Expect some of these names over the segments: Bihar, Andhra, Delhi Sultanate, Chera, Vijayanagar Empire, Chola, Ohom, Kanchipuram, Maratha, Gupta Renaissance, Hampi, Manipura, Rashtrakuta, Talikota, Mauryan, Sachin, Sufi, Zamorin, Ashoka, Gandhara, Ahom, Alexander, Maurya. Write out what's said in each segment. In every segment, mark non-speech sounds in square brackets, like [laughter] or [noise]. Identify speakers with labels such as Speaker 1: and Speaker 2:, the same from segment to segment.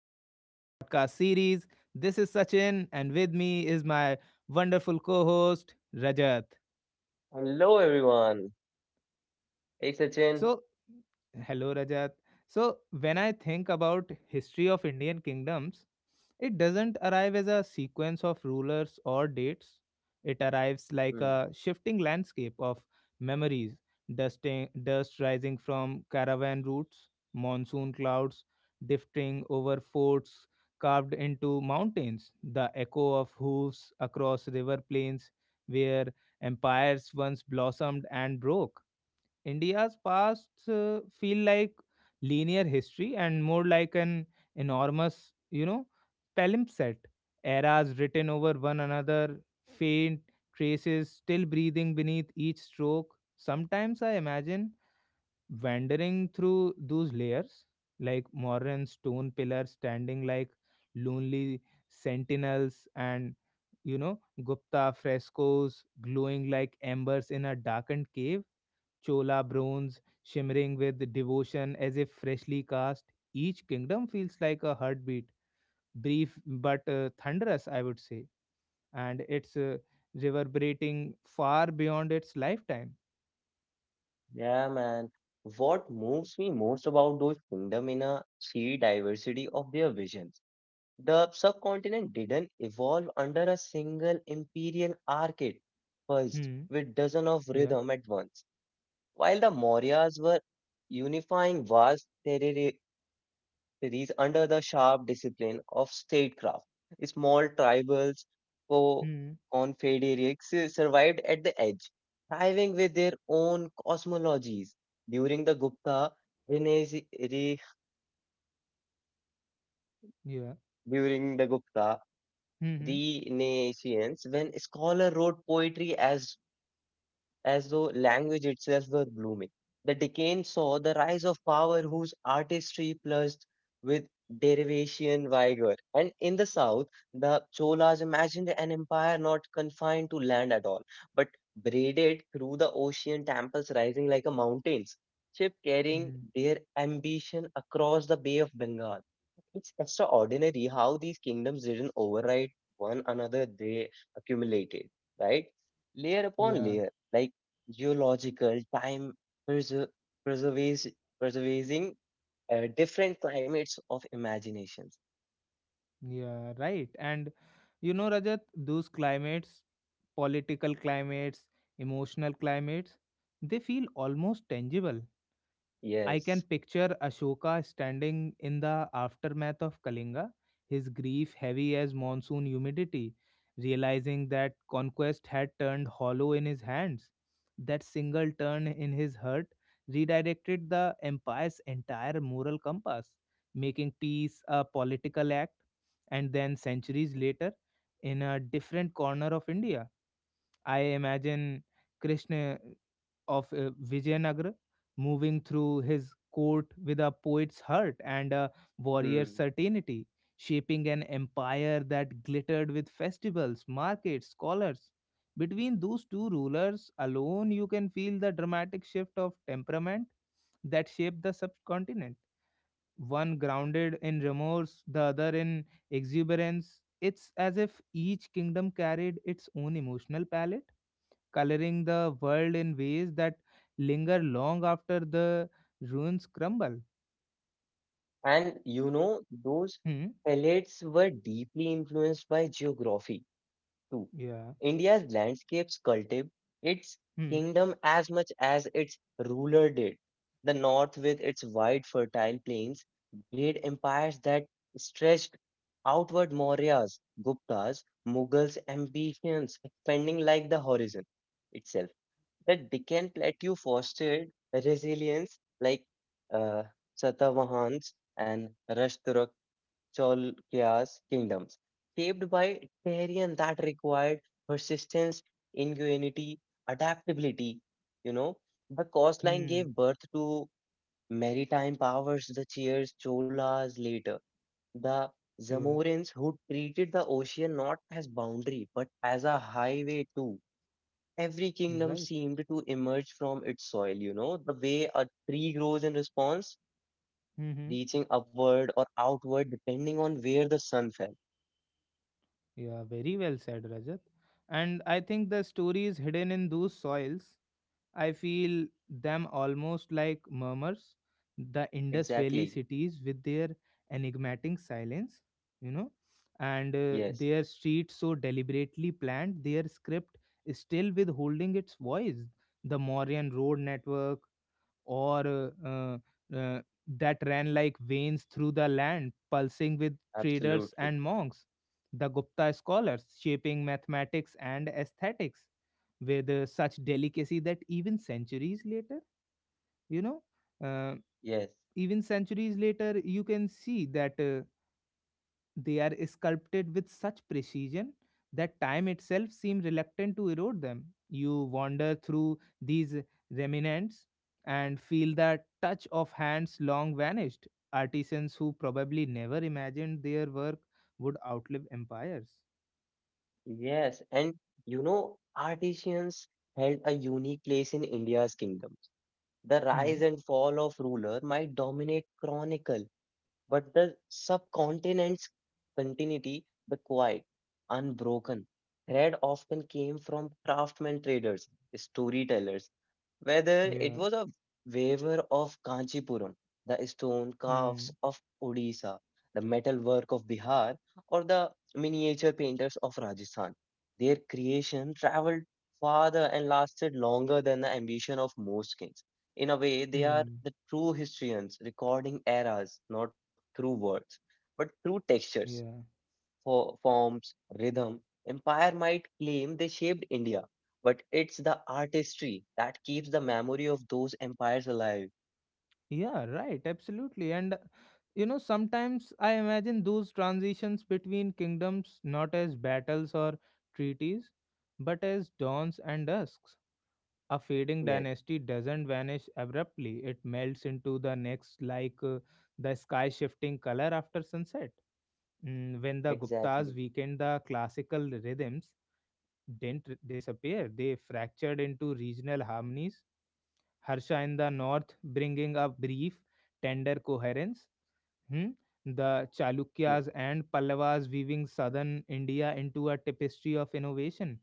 Speaker 1: back to our podcast series. This is Sachin, and with me is my wonderful co host, Rajat.
Speaker 2: Hello everyone. Hey Sachin.
Speaker 1: So, Hello, Rajat. So, when I think about history of Indian kingdoms, it doesn't arrive as a sequence of rulers or dates. It arrives
Speaker 2: Hmm.
Speaker 1: like a shifting landscape of memories, dust rising from caravan routes, monsoon clouds drifting over forts carved into mountains, the echo of hooves across river plains where empires once blossomed and broke. India's past feel like linear history and more like an enormous, palimpsest. Eras written over one another, faint traces still breathing beneath each stroke. Sometimes I imagine wandering through those layers, like modern stone pillars standing like lonely sentinels, and you know, Gupta frescoes glowing like embers in a darkened cave chola bronze shimmering with devotion as if freshly cast. Each kingdom feels like a heartbeat, brief but thunderous, I would say, and it's reverberating far beyond its lifetime.
Speaker 2: Yeah, man. What moves me most about those kingdom in a sheer diversity of their visions. The subcontinent didn't evolve under a single imperial archite first
Speaker 1: Hmm.
Speaker 2: with dozens of
Speaker 1: Yeah.
Speaker 2: rhythm at once. While the Mauryas were unifying vast series under the sharp discipline of statecraft. Small tribals, co
Speaker 1: Hmm.
Speaker 2: confederates survived at the edge, thriving with their own cosmologies. During the Gupta Renaissance, re,
Speaker 1: Yeah.
Speaker 2: During the Gupta
Speaker 1: Hmm. Hmm.
Speaker 2: Renaissance, when scholars wrote poetry as though language itself were blooming. The Deccan saw the rise of power whose artistry plushed with derivation vigor. And in the south, the Cholas imagined an empire not confined to land at all, but braided through the ocean, temples rising like a mountains, ship carrying
Speaker 1: Hmm.
Speaker 2: their ambition across the Bay of Bengal. It's extraordinary how these kingdoms didn't override one another, they accumulated, right? Layer upon
Speaker 1: Yeah.
Speaker 2: layer. Like geological time preser- preservation, preserving different climates of imaginations.
Speaker 1: Yeah. Right. And Rajat, those climates, political climates, emotional climates, they feel almost tangible. I
Speaker 2: Yes.
Speaker 1: can picture Ashoka standing in the aftermath of Kalinga, his grief heavy as monsoon humidity, realizing that conquest had turned hollow in his hands. That single turn in his heart redirected the empire's entire moral compass, making peace a political act. And then, centuries later, in a different corner of India, I imagine Krishna of Vijayanagara, moving through his court with a poet's heart and a warrior's
Speaker 2: Hmm.
Speaker 1: certainty, shaping an empire that glittered with festivals, markets, scholars. Between those two rulers alone, you can feel the dramatic shift of temperament that shaped the subcontinent. One grounded in remorse, the other in exuberance. It's as if each kingdom carried its own emotional palette coloring the world in ways that linger long after the ruins crumble.
Speaker 2: And those
Speaker 1: Hmm.
Speaker 2: pellets were deeply influenced by geography too.
Speaker 1: Yeah.
Speaker 2: India's landscapes cultivate its
Speaker 1: Hmm.
Speaker 2: kingdom as much as its ruler did. The north, with its wide, fertile plains, made empires that stretched outward Mauryas, Guptas, Mughals, ambitions expanding like the horizon itself. The Deccan Plateau fostered resilience like uh, Satavahans and Rashturakans Cholya's kingdoms, shaped by terrain that required persistence, ingenuity, adaptability. You know, the coastline
Speaker 1: Hmm.
Speaker 2: gave birth to maritime powers, the Cheers, Cholas later, the
Speaker 1: Yeah.
Speaker 2: Zamorins who treated the ocean not as boundary but as a highway too. Every kingdom
Speaker 1: Right.
Speaker 2: seemed to emerge from its soil, the way a tree grows in response,
Speaker 1: Hmm.
Speaker 2: reaching upward or outward depending on where the sun fell.
Speaker 1: Yeah. Very well said, Rajat. And I think the story is hidden in those soils. I feel them almost like murmurs, the Indus Valley
Speaker 2: Exactly.
Speaker 1: cities with their enigmatic silence, you know, and
Speaker 2: Yes,
Speaker 1: their streets so deliberately planned, their script still withholding its voice. The Mauryan road network, or uh, that ran like veins through the land, pulsing with traders
Speaker 2: absolutely.
Speaker 1: and monks, the Gupta scholars shaping mathematics and aesthetics with such delicacy that even centuries later, you know, uh,
Speaker 2: Yes,
Speaker 1: you can see that. They are sculpted with such precision that time itself seems reluctant to erode them. You wander through these remnants and feel the touch of hands long vanished, artisans who probably never imagined their work would outlive empires.
Speaker 2: yes. And artisans held a unique place in India's kingdom. The
Speaker 1: Hmm.
Speaker 2: rise and fall of ruler might dominate chronicle, but the subcontinent's continuity, the quiet, unbroken thread often came from craftsmen traders, storytellers, whether it
Speaker 1: Yeah.
Speaker 2: was a waver of Kanchipuram, the stone
Speaker 1: Hmm.
Speaker 2: calves of Odisha, the metal work of Bihar, or the miniature painters of Rajasthan. Their creation traveled farther and lasted longer than the ambition of most kings. In a way, they are
Speaker 1: Hmm.
Speaker 2: the true historians, recording eras not through words, but through textures,
Speaker 1: Yeah.
Speaker 2: forms, rhythm. Empire might claim they shaped India, but it's the artistry that keeps the memory of those empires alive.
Speaker 1: Yeah, right, absolutely. And sometimes I imagine those transitions between kingdoms not as battles or treaties, but as dawns and dusks. A fading
Speaker 2: Yes,
Speaker 1: dynasty doesn't vanish abruptly, it melts into the next like the sky shifting color after sunset. When the
Speaker 2: exactly.
Speaker 1: Guptas weakened the classical rhythms, didn't disappear, they fractured into regional harmonies Harsha in the north bringing a brief, tender coherence. Hmm? The
Speaker 2: Y-
Speaker 1: Chalukyas and Pallavas weaving southern India into a tapestry of innovation.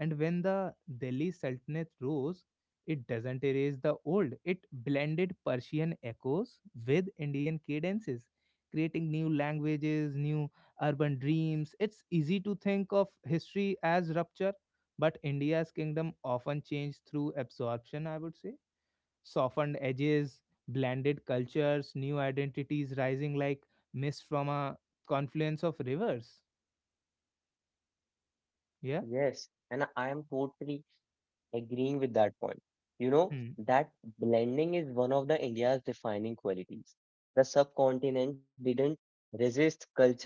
Speaker 1: And when the Delhi Sultanate rose, it doesn't erase the old, it blended Persian echoes with Indian cadences, creating new languages, new urban dreams. It's easy to think of history as rupture, but India's kingdom often changed through absorption, I would say softened edges, blended cultures, new identities rising like mist from a confluence of rivers. Yeah.
Speaker 2: Yes, and I am totally agreeing with that point. You know,
Speaker 1: Hmm.
Speaker 2: that blending is one of the India's defining qualities. The subcontinent didn't resist culture,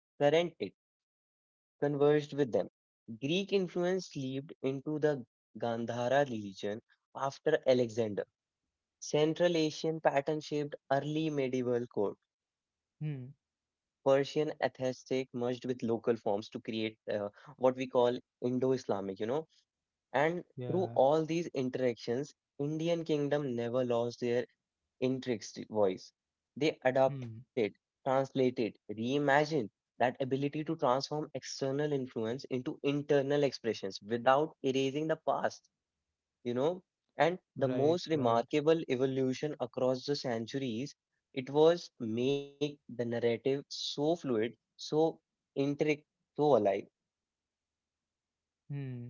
Speaker 2: current it. Conversed with them. Greek influence leaped into the Gandhara religion after Alexander. Central Asian pattern shaped early medieval court.
Speaker 1: Hmm.
Speaker 2: Persian aesthetic merged with local forms to create what we call Indo-Islamic. And through
Speaker 1: Yeah.
Speaker 2: all these interactions, Indian kingdom never lost their intricate voice. They adopted,
Speaker 1: Hmm.
Speaker 2: translated, reimagined that ability to transform external influence into internal expressions without erasing the past, you know. And the
Speaker 1: Right.
Speaker 2: most
Speaker 1: Right.
Speaker 2: remarkable evolution across the centuries, it was make the narrative so fluid, so intricate, so alive.
Speaker 1: Hmm.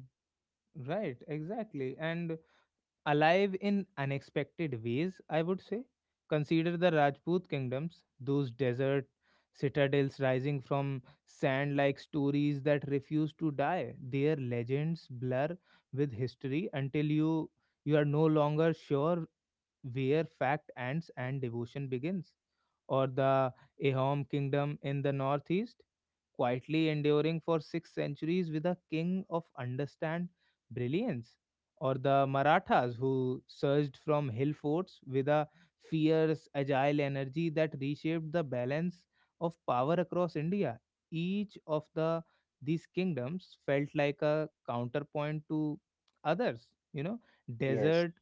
Speaker 1: Right. Exactly. And alive in unexpected ways, I would say. Consider the Rajput kingdoms, those desert citadels rising from sand like stories that refuse to die. Their legends blur with history until you are no longer sure where fact ends and devotion begins or the Ahom kingdom in the northeast, quietly enduring for 6 centuries with a king of understand brilliance, or the Marathas who surged from hill forts with a fierce, agile energy that reshaped the balance of power across India. Each of these kingdoms felt like a counterpoint to others,
Speaker 2: Yes.
Speaker 1: desert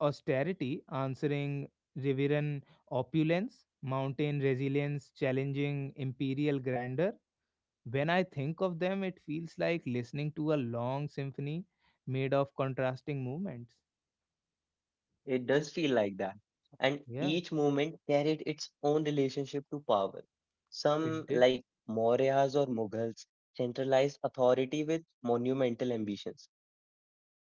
Speaker 1: austerity, answering Riveran opulence, mountain resilience, challenging imperial grandeur. When I think of them, it feels like listening to a long symphony made of contrasting movements.
Speaker 2: It does feel like that. And
Speaker 1: Yeah,
Speaker 2: each movement carried its own relationship to power.
Speaker 1: it
Speaker 2: Some,
Speaker 1: did.
Speaker 2: like Mauryas or Mughals, centralized authority with monumental ambitions.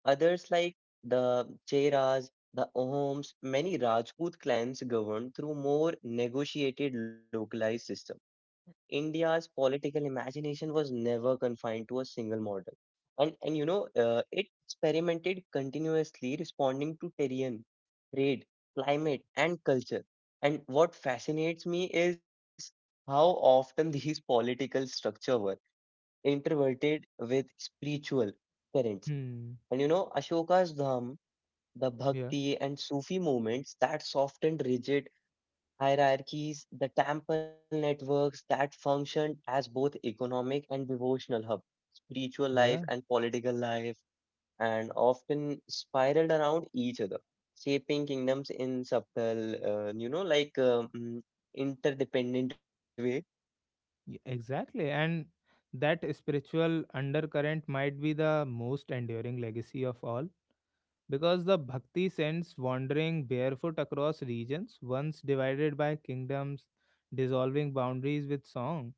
Speaker 2: Others, like the Cheras, the Ohoms, many Rajput clans governed through more negotiated localized systems. India's political imagination was never confined to a single model. And it experimented continuously, responding to terrain, trade, climate, and culture. And what fascinates me is how often [laughs] these political structure were interverted with spiritual currents.
Speaker 1: Hmm.
Speaker 2: And Ashoka's Dham, the
Speaker 1: Yeah.
Speaker 2: Bhakti and Sufi movements that softened rigid hierarchies, the temple networks that functioned as both economic and devotional hub, spiritual life
Speaker 1: Yeah.
Speaker 2: and political life, and often spiraled around each other, shaping kingdoms in subtle, interdependent way.
Speaker 1: Exactly. And that spiritual undercurrent might be the most enduring legacy of all because the bhakti sends wandering barefoot across regions once divided by kingdoms, dissolving boundaries with song.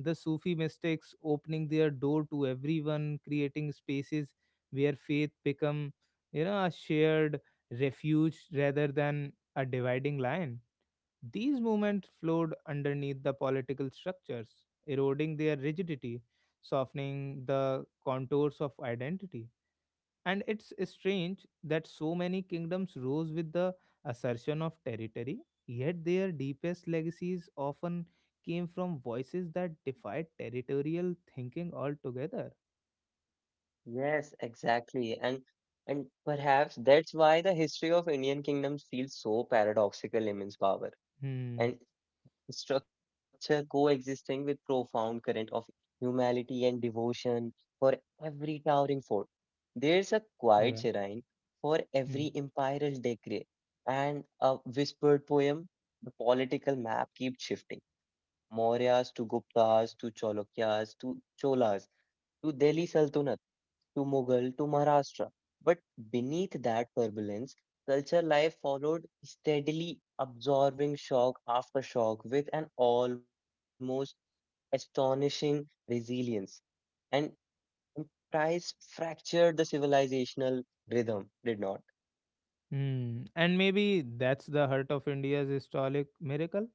Speaker 1: The Sufi mystics opening their door to everyone, creating spaces where faith become, a shared refuge rather than a dividing line. These movements flowed underneath the political structures, eroding their rigidity, softening the contours of identity. And it's strange that so many kingdoms rose with the assertion of territory, yet their deepest legacies often came from voices that defied territorial thinking altogether.
Speaker 2: Yes, exactly, and perhaps that's why the history of Indian kingdoms feels so paradoxical in its power.
Speaker 1: Hmm.
Speaker 2: And structure coexisting with profound current of humility and devotion for every towering fort. There's a quiet
Speaker 1: Yeah.
Speaker 2: shrine for
Speaker 1: Hmm.
Speaker 2: every imperial decree and a whispered poem. The political map keeps shifting. Mauryas to Guptas to Chalukyas to Cholas to Delhi Sultanate to Mughal to Maharashtra. But beneath that turbulence, culture life followed steadily, absorbing shock after shock with an almost astonishing resilience. And emprise fractured the civilizational rhythm, did not.
Speaker 1: Hmm. And maybe that's the heart of India's historic miracle,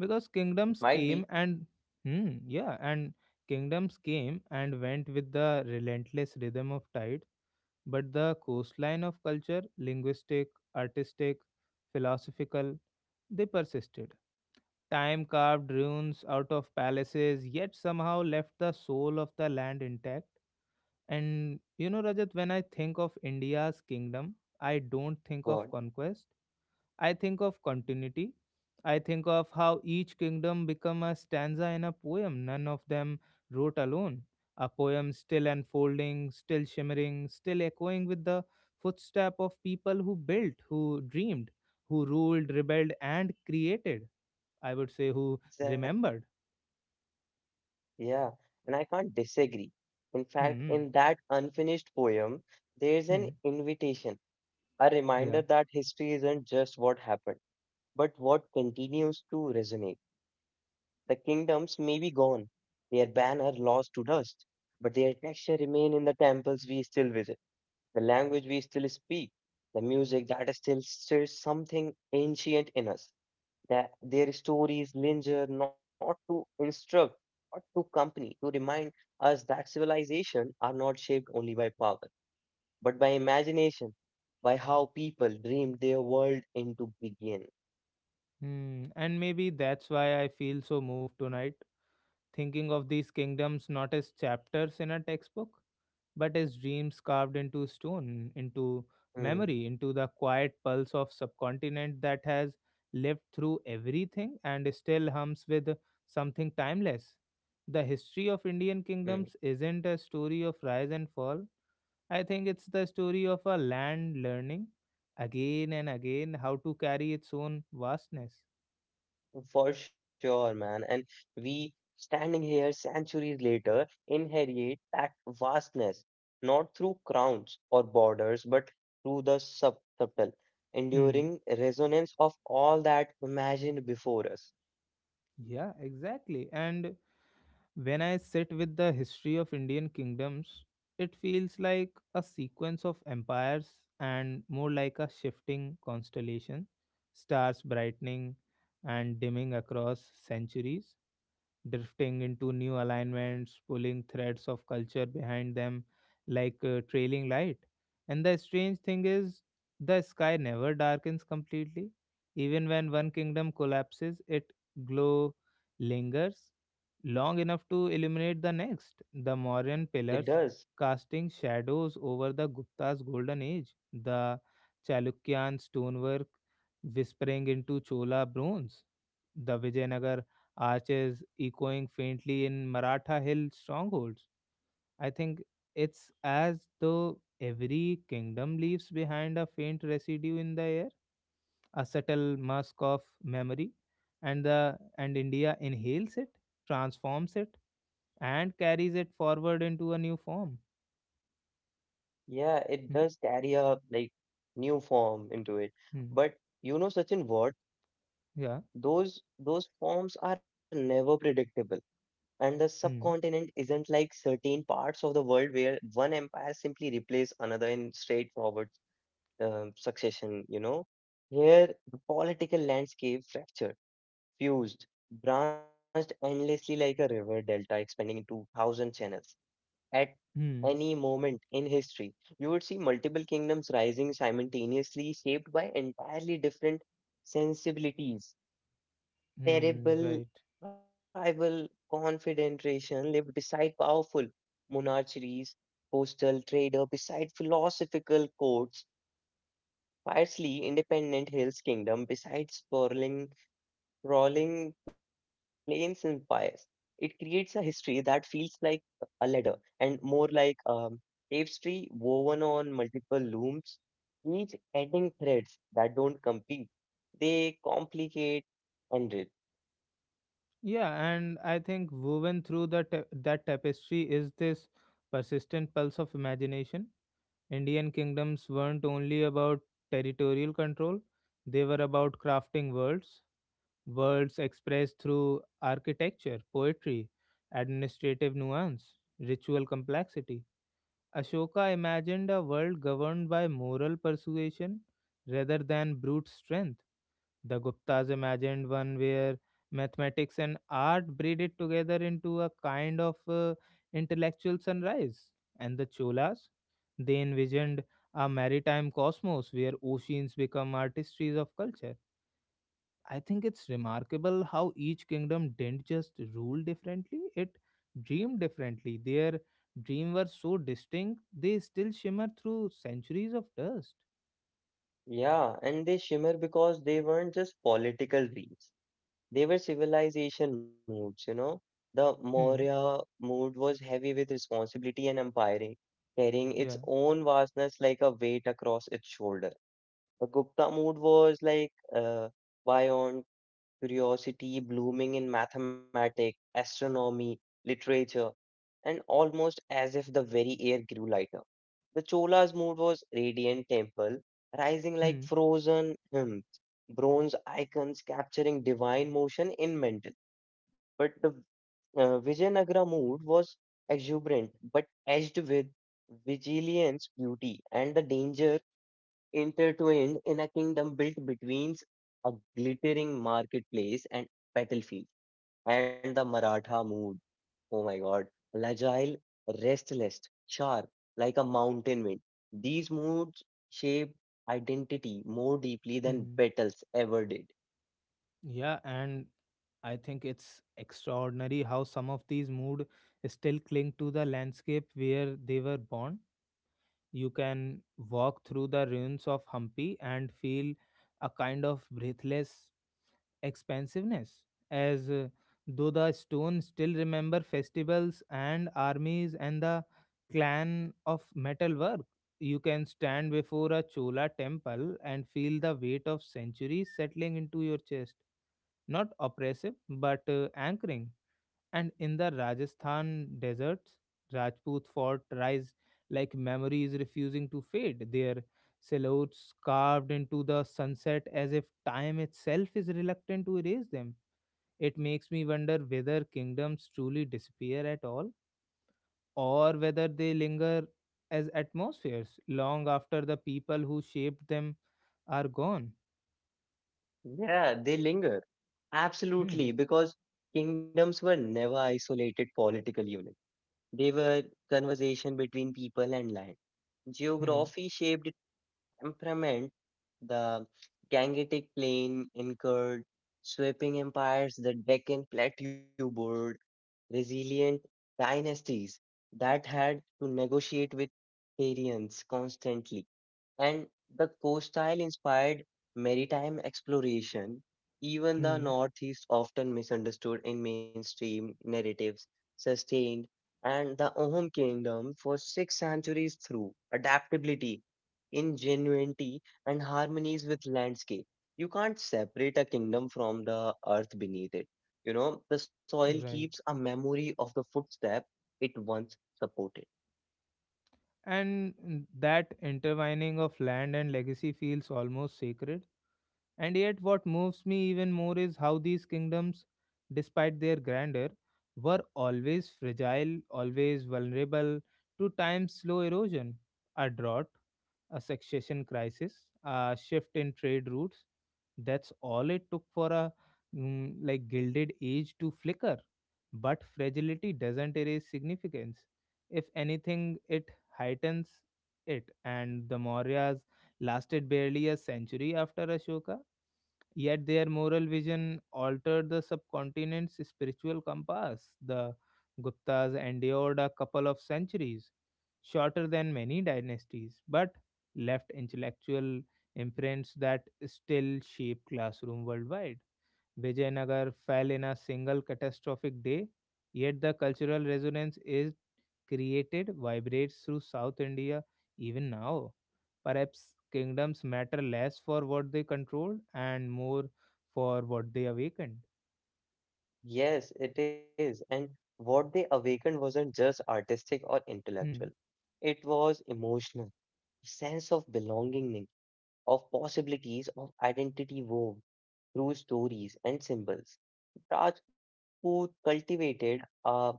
Speaker 1: because
Speaker 2: It might be
Speaker 1: kingdoms came and hmm. Yeah. And kingdoms came and went with the relentless rhythm of tide but the coastline of culture, linguistic, artistic, philosophical, they persisted. Time carved ruins out of palaces, yet somehow left the soul of the land intact. And Rajat, when I think of India's kingdom, I don't think
Speaker 2: what?
Speaker 1: of conquest. I think of continuity. I think of how each kingdom become a stanza in a poem none of them wrote alone. A poem still unfolding, still shimmering, still echoing with the footstep of people who built, who dreamed, who ruled, rebelled, and created. I would say who
Speaker 2: Sa-
Speaker 1: remembered.
Speaker 2: Yeah, and I can't disagree. In fact,
Speaker 1: Hmm.
Speaker 2: in that unfinished poem, there's an
Speaker 1: Hmm.
Speaker 2: invitation, a
Speaker 1: Yeah.
Speaker 2: reminder that history isn't just what happened but what continues to resonate? The kingdoms may be gone, their banner lost to dust, but their texture remain in the temples we still visit, the language we still speak, the music that still stirs something ancient in us. That their stories linger not to instruct, but to company, to remind us that civilization are not shaped only by power, but by imagination, by how people dreamed their world into begin.
Speaker 1: Hmm. And maybe that's why I feel so moved tonight, thinking of these kingdoms not as chapters in a textbook but as dreams carved into stone, into
Speaker 2: Hmm,
Speaker 1: memory, into the quiet pulse of subcontinent that has lived through everything and still hums with something timeless. The history
Speaker 2: hmm.
Speaker 1: of Indian kingdoms isn't a story of rise and fall. I think it's the story of a land learning again and again how to carry its own vastness.
Speaker 2: For sure, man. And we standing here centuries later inherit that vastness, not through crowns or borders, but through the subtle,
Speaker 1: Hmm.
Speaker 2: enduring resonance of all that imagined before us.
Speaker 1: Yeah, exactly. And when I sit with the history of Indian kingdoms, it feels like a sequence of empires and more like a shifting constellation, stars brightening and dimming across centuries, drifting into new alignments, pulling threads of culture behind them like a trailing light. And the strange thing is, the sky never darkens completely. Even when one kingdom collapses, it glow lingers long enough to illuminate the next. The Mauryan
Speaker 2: It does.
Speaker 1: pillars casting shadows over the Gupta's golden age, the Chalukyan stonework whispering into Chola bronze, the Vijayanagar arches echoing faintly in Maratha hill strongholds. I think it's as though every kingdom leaves behind a faint residue in the air, a subtle musk of memory, and India inhales it transforms it, and carries it forward into a new form.
Speaker 2: Yeah, it does carry a like new form into it.
Speaker 1: Mm-hmm.
Speaker 2: But you know, Sachin, what?
Speaker 1: Yeah.
Speaker 2: Those forms are never predictable and the
Speaker 1: Mm-hmm.
Speaker 2: subcontinent isn't like certain parts of the world where one empire simply replaces another in straightforward succession. Here, the political landscape fractured, fused, branched endlessly like a river delta expanding into thousand channels. At
Speaker 1: hmm
Speaker 2: any moment in history, you would see multiple kingdoms rising simultaneously, shaped by entirely different sensibilities
Speaker 1: Hmm.
Speaker 2: terrible
Speaker 1: Right.
Speaker 2: rival confederation lived beside powerful monarchies, postal trader beside philosophical courts, fiercely independent hills kingdom beside sprawling, rolling plains and empires. It creates a history that feels like a ladder and more like tapestry woven on multiple looms, each adding threads that don't compete. They complicate and
Speaker 1: Yeah, and I think woven through the that tapestry is this persistent pulse of imagination. Indian kingdoms weren't only about territorial control; they were about crafting worlds, worlds expressed through architecture, poetry, administrative nuance, ritual complexity. Ashoka imagined a world governed by moral persuasion rather than brute strength. The Guptas imagined one where mathematics and art braided together into a kind of intellectual sunrise. And the Cholas, they envisioned a maritime cosmos where oceans become artistries of culture. I think it's remarkable how each kingdom didn't just rule differently, it dreamed differently. Their dream were so distinct, they still shimmer through centuries of dust.
Speaker 2: yeah, and they shimmer because they weren't just political dreams. They were civilization moods. The
Speaker 1: Hmm.
Speaker 2: Maurya mood was heavy with responsibility and umpiring, carrying its
Speaker 1: Yeah.
Speaker 2: own vastness like a weight across its shoulder. The Gupta mood was like buoyant curiosity blooming in mathematics, astronomy, literature, and almost as if the very air grew lighter. The Chola's mood was radiant temple, rising like
Speaker 1: Hmm.
Speaker 2: frozen hymns, bronze icons capturing divine motion in mental. But the Vijayanagara mood was exuberant, but edged with vigilance, beauty, and the danger intertwined in a kingdom built between a glittering marketplace and battlefield and the Maratha mood. Oh my God. Agile, restless, sharp, like a mountain wind. These moods shape identity more deeply than
Speaker 1: Hmm.
Speaker 2: battles ever did.
Speaker 1: Yeah, and I think it's extraordinary how some of these mood still cling to the landscape where they were born. You can walk through the ruins of Hampi and feel a kind of breathless expansiveness, as though the stones still remember festivals and armies and the clan of metalwork. You can stand before a Chola temple and feel the weight of centuries settling into your chest. Not oppressive, but anchoring. And in the Rajasthan deserts, Rajput fort rise like memories refusing to fade, their silhouettes carved into the sunset as if time itself is reluctant to erase them. It makes me wonder whether kingdoms truly disappear at all, or whether they linger as atmospheres long after the people who shaped them are gone.
Speaker 2: Yeah, they linger.
Speaker 1: Hmm,
Speaker 2: Absolutely, because kingdoms were never isolated political units. They were conversation between people and land.
Speaker 1: hmm,
Speaker 2: Geography shaped temperament, the Gangetic Plain incurred sweeping empires, the Deccan Plateau board resilient dynasties that had to negotiate with Syrians constantly and the coastal inspired maritime exploration. Even the
Speaker 1: hmm,
Speaker 2: Northeast, often misunderstood in mainstream narratives, sustained and the Ohum kingdom for 6 centuries through adaptability, ingenuity, and harmonies with landscape. You can't separate a kingdom from the earth beneath it. The soil keeps
Speaker 1: right.
Speaker 2: a memory of the footstep it once supported.
Speaker 1: And that intertwining of land and legacy feels almost sacred and yet, what moves me even more is how these kingdoms, despite their grandeur, were always fragile, always vulnerable to time's slow erosion, a drought, a succession crisis, a shift in trade routes. That's all it took for a like gilded age to flicker. But fragility doesn't erase significance. If anything, it heightens it. And the Mauryas lasted barely a century after Ashoka, yet their moral vision altered the subcontinent's spiritual compass. The Guptas endured a couple of centuries, shorter than many dynasties, but left intellectual imprints that still shape classroom worldwide. Vijayanagar fell in a single catastrophic day, yet the cultural resonance is created vibrates through South India even now. Perhaps kingdoms matter less for what they controlled and more for what they awakened.
Speaker 2: Yes, it is. And what they awakened wasn't just artistic or intellectual.
Speaker 1: Hmm.
Speaker 2: It was emotional, sense of belonging, of possibilities, of identity wove through stories and symbols. Rajput cultivated a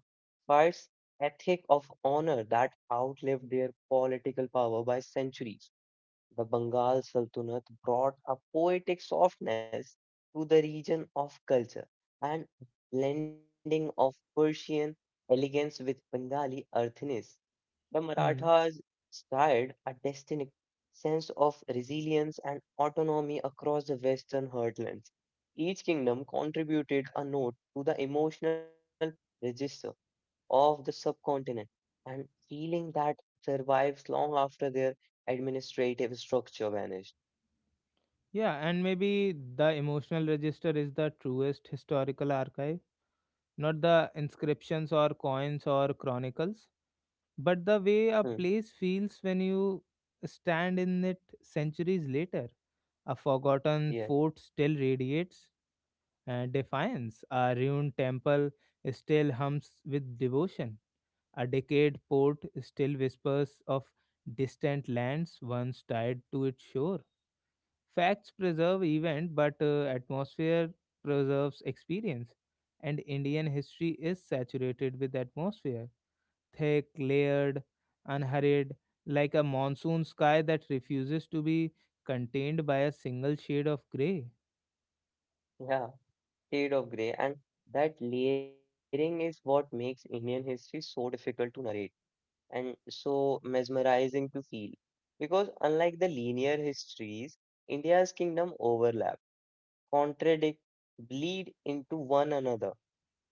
Speaker 2: fierce ethic of honor that outlived their political power by centuries the Bengal Sultanate brought a poetic softness to the region of culture and blending of Persian elegance with Bengali earthiness. The
Speaker 1: Hmm.
Speaker 2: Marathas stirred a distinct sense of resilience and autonomy across the western heartlands. Each kingdom contributed a note to the emotional register of the subcontinent and feeling that survives long after their administrative structure vanished.
Speaker 1: Yeah, and maybe the emotional register is the truest historical archive, not the inscriptions or coins or chronicles, but the
Speaker 2: Hmm.
Speaker 1: way a place feels when you stand in it centuries later. A
Speaker 2: Yeah.
Speaker 1: forgotten fort still radiates, defiance. A ruined temple still hums with devotion. A decayed port still whispers of distant lands once tied to its shore. Facts preserve event, but atmosphere preserves experience. And Indian history is saturated with atmosphere, thick, layered, unhurried, like a monsoon sky that refuses to be contained by a single shade of gray.
Speaker 2: Yeah. Shade of grey. And that layering is what makes Indian history so difficult to narrate and so mesmerizing to feel. Because unlike the linear histories, India's kingdom overlap, contradict, bleed into one another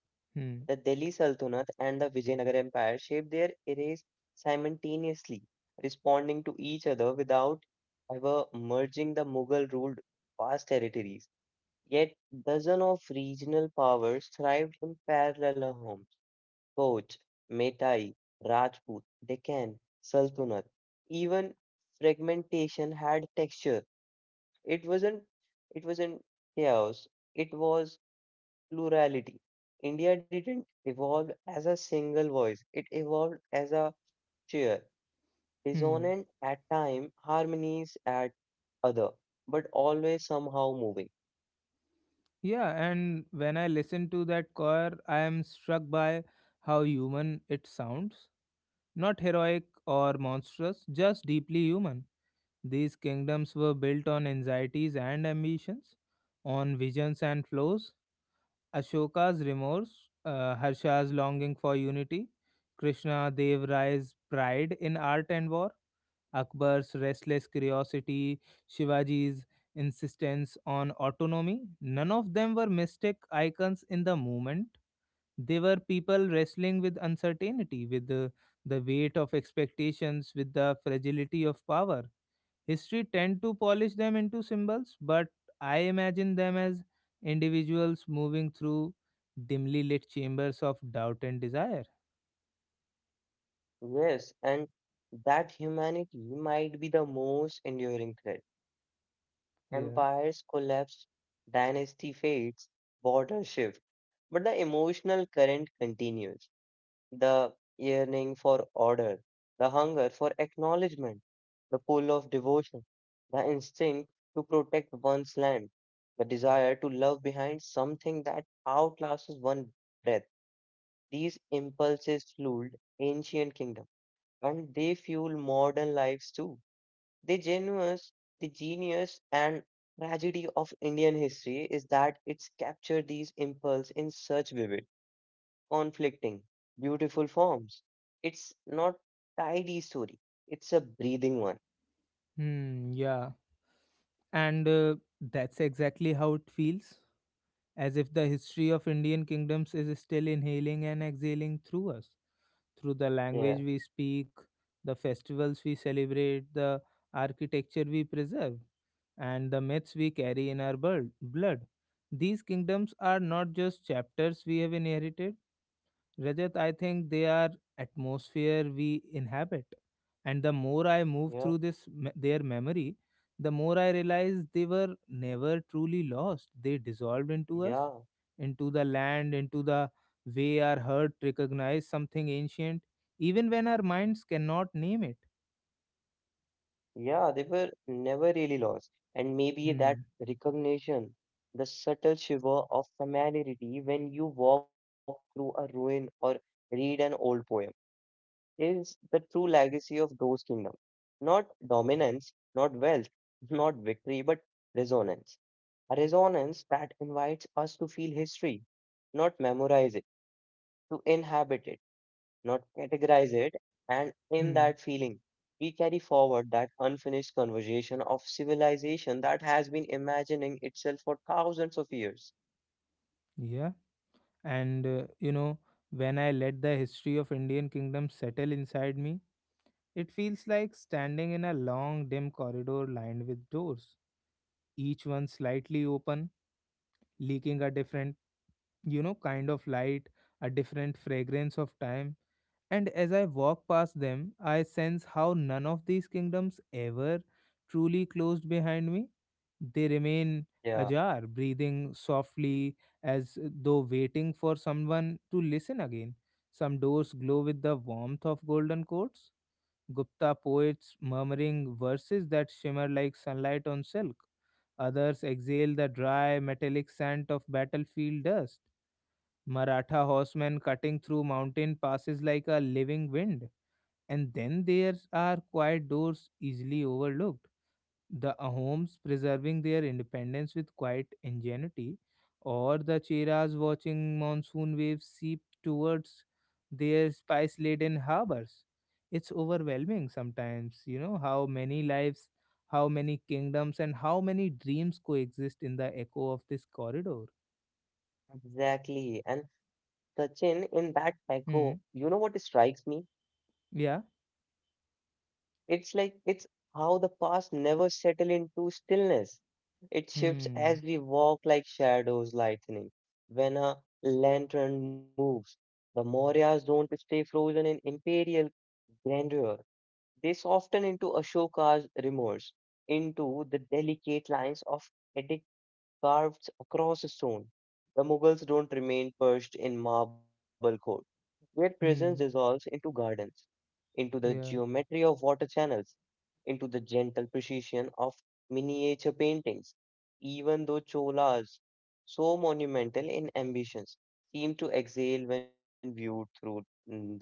Speaker 2: the Delhi
Speaker 1: Hmm.
Speaker 2: Sultanate and the Vijayanagar Empire shaped their eras simultaneously, responding to each other without ever merging. The Mughal ruled vast territories, yet dozens of regional powers thrived in parallel homes. Koch, Metai, Rajput, Deccan, Sultanate. Even fragmentation had texture. It wasn't. It wasn't chaos. It was plurality. India didn't evolve as a single voice, it evolved as a chair,
Speaker 1: Hmm.
Speaker 2: resonant at time, harmonies at other, but always somehow moving.
Speaker 1: Yeah, and when I listen to that choir, I am struck by how human it sounds. Not heroic or monstrous, just deeply human. These kingdoms were built on anxieties and ambitions, on visions and flows. Ashoka's remorse, Harsha's longing for unity, Krishna Dev Raya's pride in art and war. Akbar's restless curiosity, Shivaji's insistence on autonomy. None of them were mystic icons in the moment. They were people wrestling with uncertainty, with the weight of expectations, with the fragility of power. History tend to polish them into symbols, but I imagine them as individuals moving through dimly lit chambers of doubt and desire.
Speaker 2: Yes, and that humanity might be the most enduring threat.
Speaker 1: Yeah.
Speaker 2: Empires collapse, dynasty fades, borders shift, but the emotional current continues. The yearning for order, the hunger for acknowledgement, the pull of devotion, the instinct to protect one's land, the desire to love behind something that outlasts one breath. These impulses fueled ancient kingdom and they fuel modern lives too. The genius, the genius and tragedy of Indian history is that it's captured these impulses in such vivid conflicting, beautiful forms. It's not tidy story. It's a breathing one.
Speaker 1: Hmm, yeah. And That's exactly how it feels, as if the history of Indian kingdoms is still inhaling and exhaling through us, through the
Speaker 2: Yeah,
Speaker 1: language we speak, the festivals we celebrate, the architecture we preserve, and the myths we carry in our blood. These kingdoms are not just chapters we have inherited, Rajat, I think they are atmosphere we inhabit. And the more I move
Speaker 2: yeah,
Speaker 1: through their memory, the more I realize they were never truly lost. They dissolved into us,
Speaker 2: yeah,
Speaker 1: into the land, into the way our heart recognizes something ancient, even when our minds cannot name it.
Speaker 2: yeah. They were never really lost, and maybe that
Speaker 1: Hmm.
Speaker 2: recognition, the subtle shiver of familiarity when you walk through a ruin or read an old poem, is the true legacy of those kingdoms. Not dominance, not wealth, [laughs] not victory, but resonance. A resonance that invites us to feel history, not memorize it, to inhabit it, not categorize it. And in that
Speaker 1: Hmm.
Speaker 2: feeling, we carry forward that unfinished conversation of civilization that has been imagining itself for thousands of years.
Speaker 1: Yeah. And uh, you know, when I let the history of Indian kingdom settle inside me, it feels like standing in a long, dim corridor lined with doors, each one slightly open, leaking a different, kind of light, a different fragrance of time. And as I walk past them, I sense how none of these kingdoms ever truly closed behind me. They remain
Speaker 2: Yeah,
Speaker 1: ajar, breathing softly as though waiting for someone to listen again. Some doors glow with the warmth of golden coats, Gupta poets murmuring verses that shimmer like sunlight on silk. Others exhale the dry, metallic scent of battlefield dust. Maratha horsemen cutting through mountain passes like a living wind. And then there are quiet doors easily overlooked, the Ahoms preserving their independence with quiet ingenuity, or the Cheras watching monsoon waves seep towards their spice laden harbors. It's overwhelming sometimes, you know, how many lives, how many kingdoms, and how many dreams coexist in the echo of this corridor.
Speaker 2: exactly. And Sachin, in that
Speaker 1: Hmm.
Speaker 2: echo, you know what strikes me?
Speaker 1: Yeah.
Speaker 2: It's how the past never settle into stillness. It shifts
Speaker 1: Hmm.
Speaker 2: as we walk like shadows lightening. When a lantern moves, the Mauryas don't stay frozen in imperial grandeur. They soften into Ashoka's remorse, into the delicate lines of edict carved across stone. The Mughals don't remain perched in marble court. Their presence dissolves
Speaker 1: Hmm.
Speaker 2: into gardens, into the
Speaker 1: Yeah.
Speaker 2: geometry of water channels into the gentle precision of miniature paintings. Even though Cholas, so monumental in ambitions, seem to exhale when viewed through the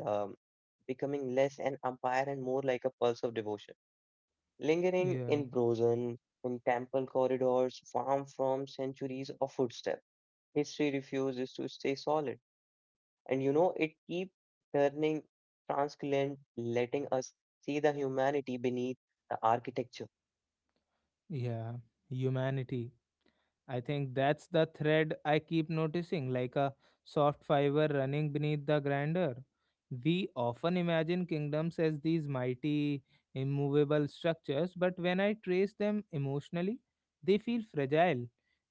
Speaker 2: becoming less an empire and more like a pulse of devotion. Lingering
Speaker 1: Yeah.
Speaker 2: in Brozen, in temple corridors, far from centuries of footsteps, history refuses to stay solid. And you know, it keeps turning translucent, letting us see the humanity beneath the architecture.
Speaker 1: Yeah. Humanity. I think that's the thread I keep noticing, like a soft fiber running beneath the grandeur. We often imagine kingdoms as these mighty, immovable structures, but when I trace them emotionally, they feel fragile,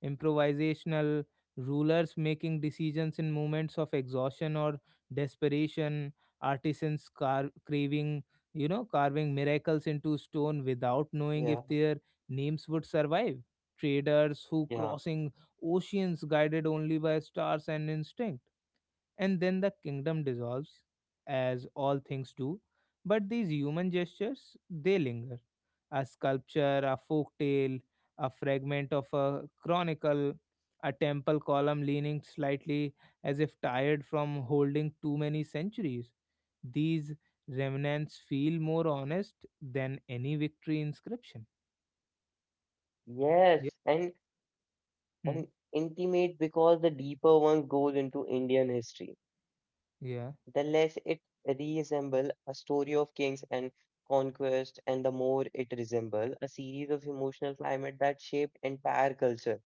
Speaker 1: improvisational, rulers making decisions in moments of exhaustion or desperation, artisans craving, you know, carving miracles into stone without
Speaker 2: Yeah,
Speaker 1: knowing if their names would survive, traders who
Speaker 2: yeah,
Speaker 1: crossing oceans guided only by stars and instinct. And then the kingdom dissolves, as all things do. But these human gestures, they linger. A sculpture, a folk tale, a fragment of a chronicle, a temple column leaning slightly as if tired from holding too many centuries. These remnants feel more honest than any victory inscription.
Speaker 2: yes,
Speaker 1: Yeah.
Speaker 2: and
Speaker 1: Hmm.
Speaker 2: and intimate because the deeper one goes into Indian history,
Speaker 1: Yeah.
Speaker 2: the less it resembles a story of kings and conquest, and the more it resembles a series of emotional climate that shaped entire culture.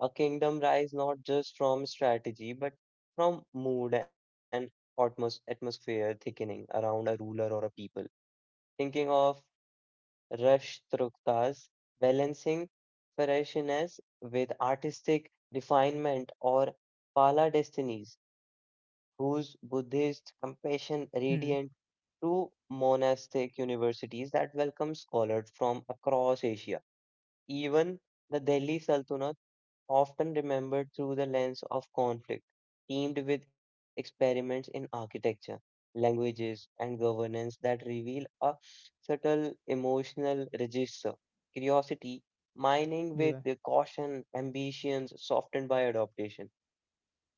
Speaker 2: A kingdom rise not just from strategy, but from mood and atmosphere thickening around a ruler or a people. Thinking of Rush Trukhtar's balancing freshness with artistic refinement, or Pala Destinies, whose Buddhist compassion radiant
Speaker 1: Hmm.
Speaker 2: through monastic universities that welcome scholars from across Asia. Even the Delhi Sultanate often remembered through the lens of conflict, teamed with experiments in architecture, languages, and governance that reveal a subtle emotional register. Curiosity, mining with
Speaker 1: Yeah.
Speaker 2: the caution, ambitions softened by adaptation.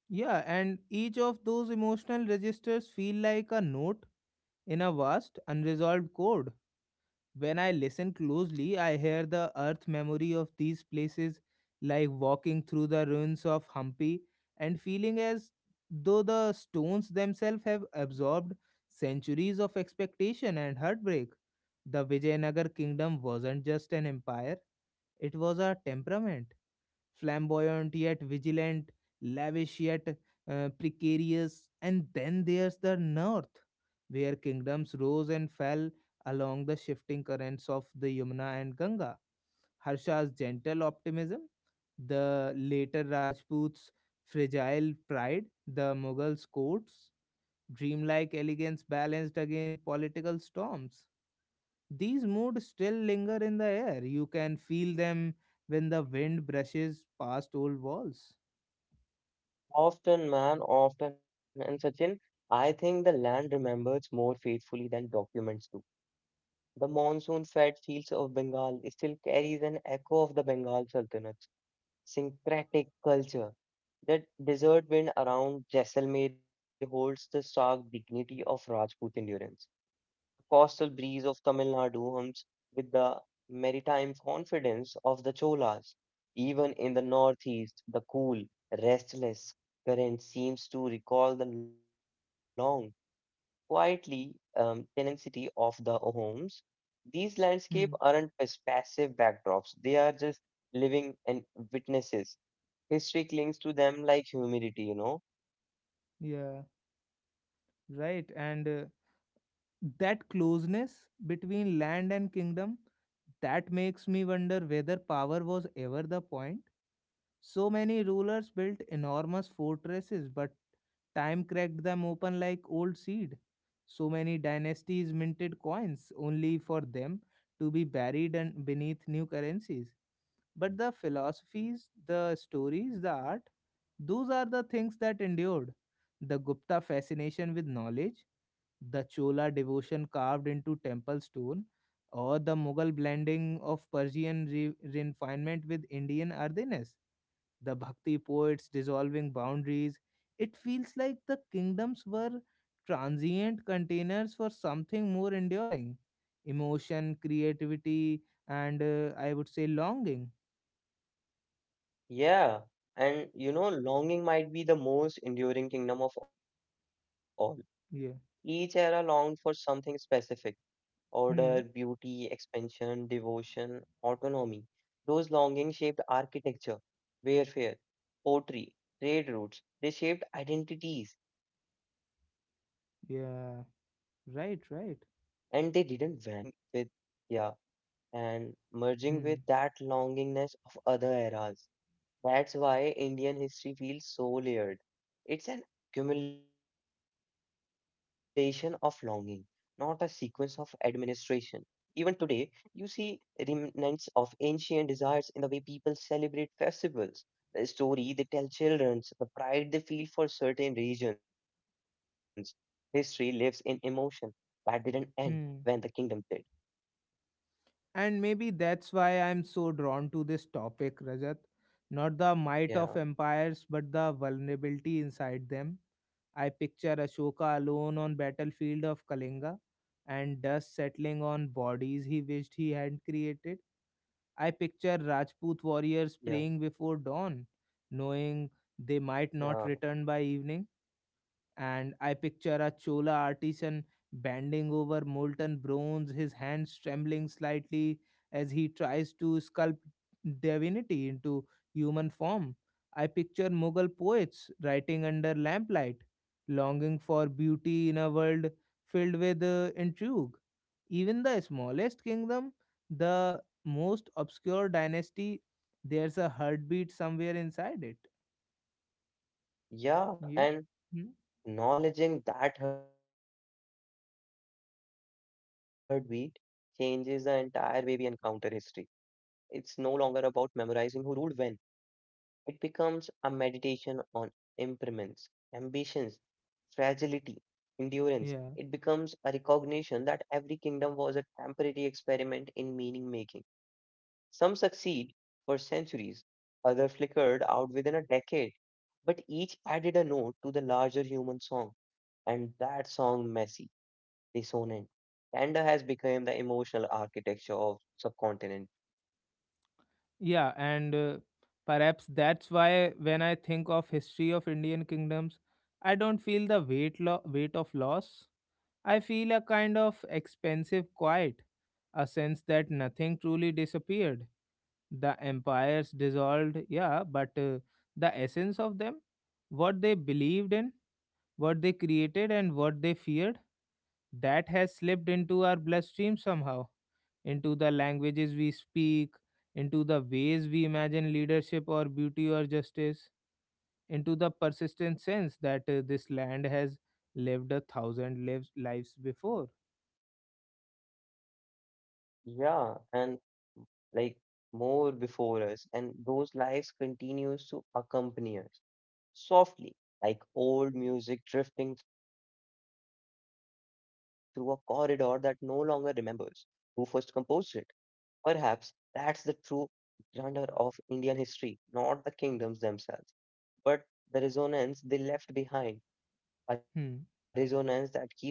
Speaker 1: Yeah, and each of those emotional registers feel like a note in a vast, unresolved chord. When I listen closely, I hear the earth memory of these places, like walking through the ruins of Hampi and feeling as though the stones themselves have absorbed centuries of expectation and heartbreak. The Vijayanagar kingdom wasn't just an empire, it was a temperament, flamboyant yet vigilant, lavish yet precarious. And then there's the north, where kingdoms rose and fell along the shifting currents of the Yamuna and Ganga. Harsha's gentle optimism, the later Rajput's fragile pride, the Mughals' courts, dreamlike elegance balanced against political storms. These moods still linger in the air. You can feel them when the wind brushes past old walls.
Speaker 2: Often, man, often, and Sachin, I think the land remembers more faithfully than documents do. The monsoon fed fields of Bengal still carries an echo of the Bengal Sultanate syncretic culture. The desert wind around Jaisalmer holds the stark dignity of Rajput endurance. The coastal breeze of Tamil Nadu hums with the maritime confidence of the Cholas. Even in the northeast, the cool, restless current seems to recall the long, quietly tenacity of the homes. These landscapes
Speaker 1: Hmm.
Speaker 2: aren't passive backdrops; they are just living and witnesses. History clings to them like humidity, you know?
Speaker 1: Yeah, right. And That closeness between land and kingdom, that makes me wonder whether power was ever the point. So many rulers built enormous fortresses, but time cracked them open like old seed. So many dynasties minted coins only for them to be buried and beneath new currencies, but the philosophies, the stories, the art, those are the things that endured. The Gupta fascination with knowledge, the Chola devotion carved into temple stone, or the Mughal blending of Persian refinement with Indian earthiness, the bhakti poets dissolving boundaries, it feels like the kingdoms were transient containers for something more enduring, emotion, creativity, and I would say longing.
Speaker 2: Yeah, and you know, longing might be the most enduring kingdom of all. Each era longed
Speaker 1: Yeah.
Speaker 2: for something specific: order, beauty,
Speaker 1: Hmm.
Speaker 2: expansion, devotion, autonomy. Those longings shaped architecture, warfare, poetry, trade routes. They shaped identities, and they didn't vanish with the fall of
Speaker 1: Yeah.
Speaker 2: each kingdom.
Speaker 1: Right,
Speaker 2: They
Speaker 1: right.
Speaker 2: seeped outward, merging with, yeah, and merging with
Speaker 1: Hmm.
Speaker 2: that longingness of other eras. That's why Indian history feels so layered. It's an accumulation of longing, not a sequence of administration. Even today, you see remnants of ancient desires in the way people celebrate festivals, the story they tell children, the pride they feel for certain regions. History lives in emotion. That didn't end when the
Speaker 1: Hmm.
Speaker 2: kingdom did.
Speaker 1: And maybe that's why I'm so drawn to this topic, Rajat. Not the might
Speaker 2: Yeah,
Speaker 1: of empires, but the vulnerability inside them. I picture Ashoka alone on battlefield of Kalinga and dust settling on bodies he wished he had created. I picture
Speaker 2: yeah,
Speaker 1: Rajput warriors praying before dawn, knowing
Speaker 2: yeah.
Speaker 1: they might not return by evening, and I picture a Chola artisan bending over molten bronze, his hands trembling slightly as he tries to sculpt divinity into human form. I picture Mughal poets writing under lamplight, longing for beauty in a world filled with intrigue. Even the smallest kingdom, the most obscure dynasty, there's a heartbeat somewhere inside it.
Speaker 2: Yeah, and
Speaker 1: Yeah. Hmm?
Speaker 2: acknowledging that heartbeat changes the entire way we encounter history. It's no longer about memorizing who ruled when. It becomes a meditation on impermanence, ambitions, fragility, endurance. It becomes a
Speaker 1: Yeah.
Speaker 2: recognition that every kingdom was a temporary experiment in meaning making. Some succeed for centuries, others flickered out within a decade, but each added a note to the larger human song, and that song messy, dissonant. Tanda has become the emotional architecture of subcontinent.
Speaker 1: Yeah, and perhaps that's why when I think of history of Indian kingdoms, I don't feel the weight of loss. I feel a kind of expensive quiet, a sense that nothing truly disappeared. The empires dissolved, yeah, but the essence of them, what they believed in, what they created, and what they feared, that has slipped into our bloodstream somehow, into the languages we speak, into the ways we imagine leadership or beauty or justice, into the persistent sense that this land has lived a thousand lives before.
Speaker 2: Yeah, and like more before us, and those lives continues to accompany us softly, like old music drifting through a corridor that no longer remembers who first composed it. Perhaps that's the true grandeur of Indian history, not the kingdoms themselves, but the resonance they left behind, a resonance that
Speaker 1: Hmm.
Speaker 2: keeps evolving,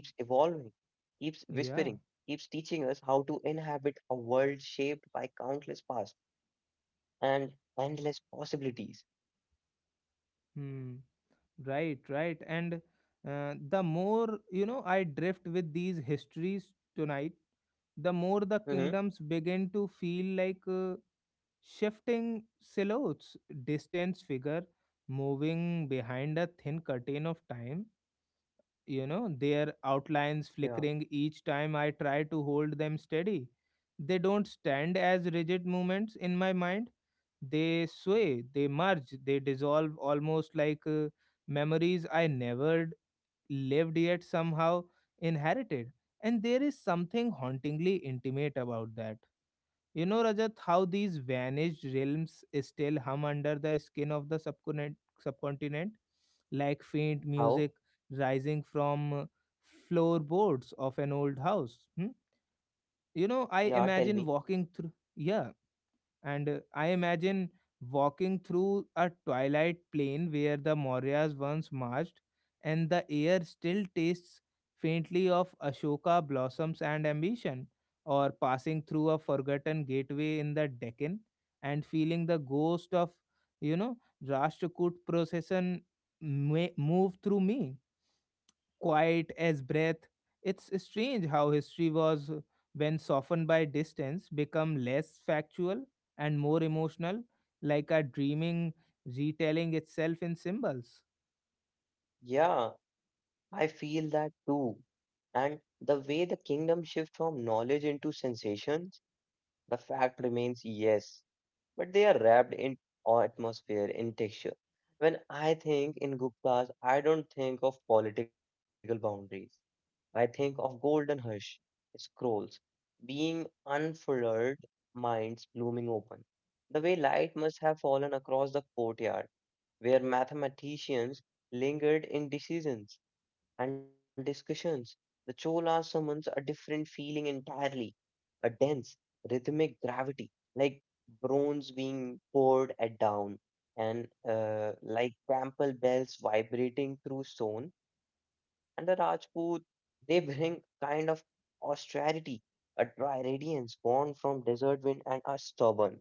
Speaker 2: keeps whispering, keeps
Speaker 1: Yeah.
Speaker 2: teaching us how to inhabit a world shaped by countless past and endless possibilities.
Speaker 1: Hmm. Right, right. And The more, you know, I drift with these histories tonight, the
Speaker 2: Mm-hmm.
Speaker 1: more the kingdoms begin to feel like shifting silhouettes, distance figure moving behind a thin curtain of time, you know,
Speaker 2: Yeah.
Speaker 1: their outlines flickering each time I try to hold them steady. They don't stand as rigid movements in my mind. They sway, they merge, they dissolve, almost like memories I never lived yet somehow inherited. And there is something hauntingly intimate about that, you know, Rajat, how these vanished realms still hum under the skin of the subcontinent, like faint
Speaker 2: How?
Speaker 1: music rising from floorboards of an old house. Hmm? You know,
Speaker 2: Yeah,
Speaker 1: I
Speaker 2: tell me.
Speaker 1: imagine walking through. Yeah, and I imagine walking through a twilight plain where the Mauryas once marched, and the air still tastes faintly of Ashoka blossoms and ambition, or passing through a forgotten gateway in the Deccan and feeling the ghost of, you know, Rashtrakoot procession may move through me quiet as breath. It's strange how history was, when softened by distance, become less factual and more emotional, like a dreaming retelling itself in symbols.
Speaker 2: Yeah, I feel that too. And the way the kingdom shift from knowledge into sensations. The fact remains yes, but they are wrapped in atmosphere, in texture. When I think in Guptas, I don't think of political boundaries. I think of golden hush, scrolls, being unfurled, minds blooming open. The way light must have fallen across the courtyard, where mathematicians lingered in decisions, and discussions. The Chola summons a different feeling entirely, a dense, rhythmic gravity, like bronze being poured at down, and like temple bells vibrating through stone. And the Rajput, they bring kind of austerity, a dry radiance born from desert wind and are stubborn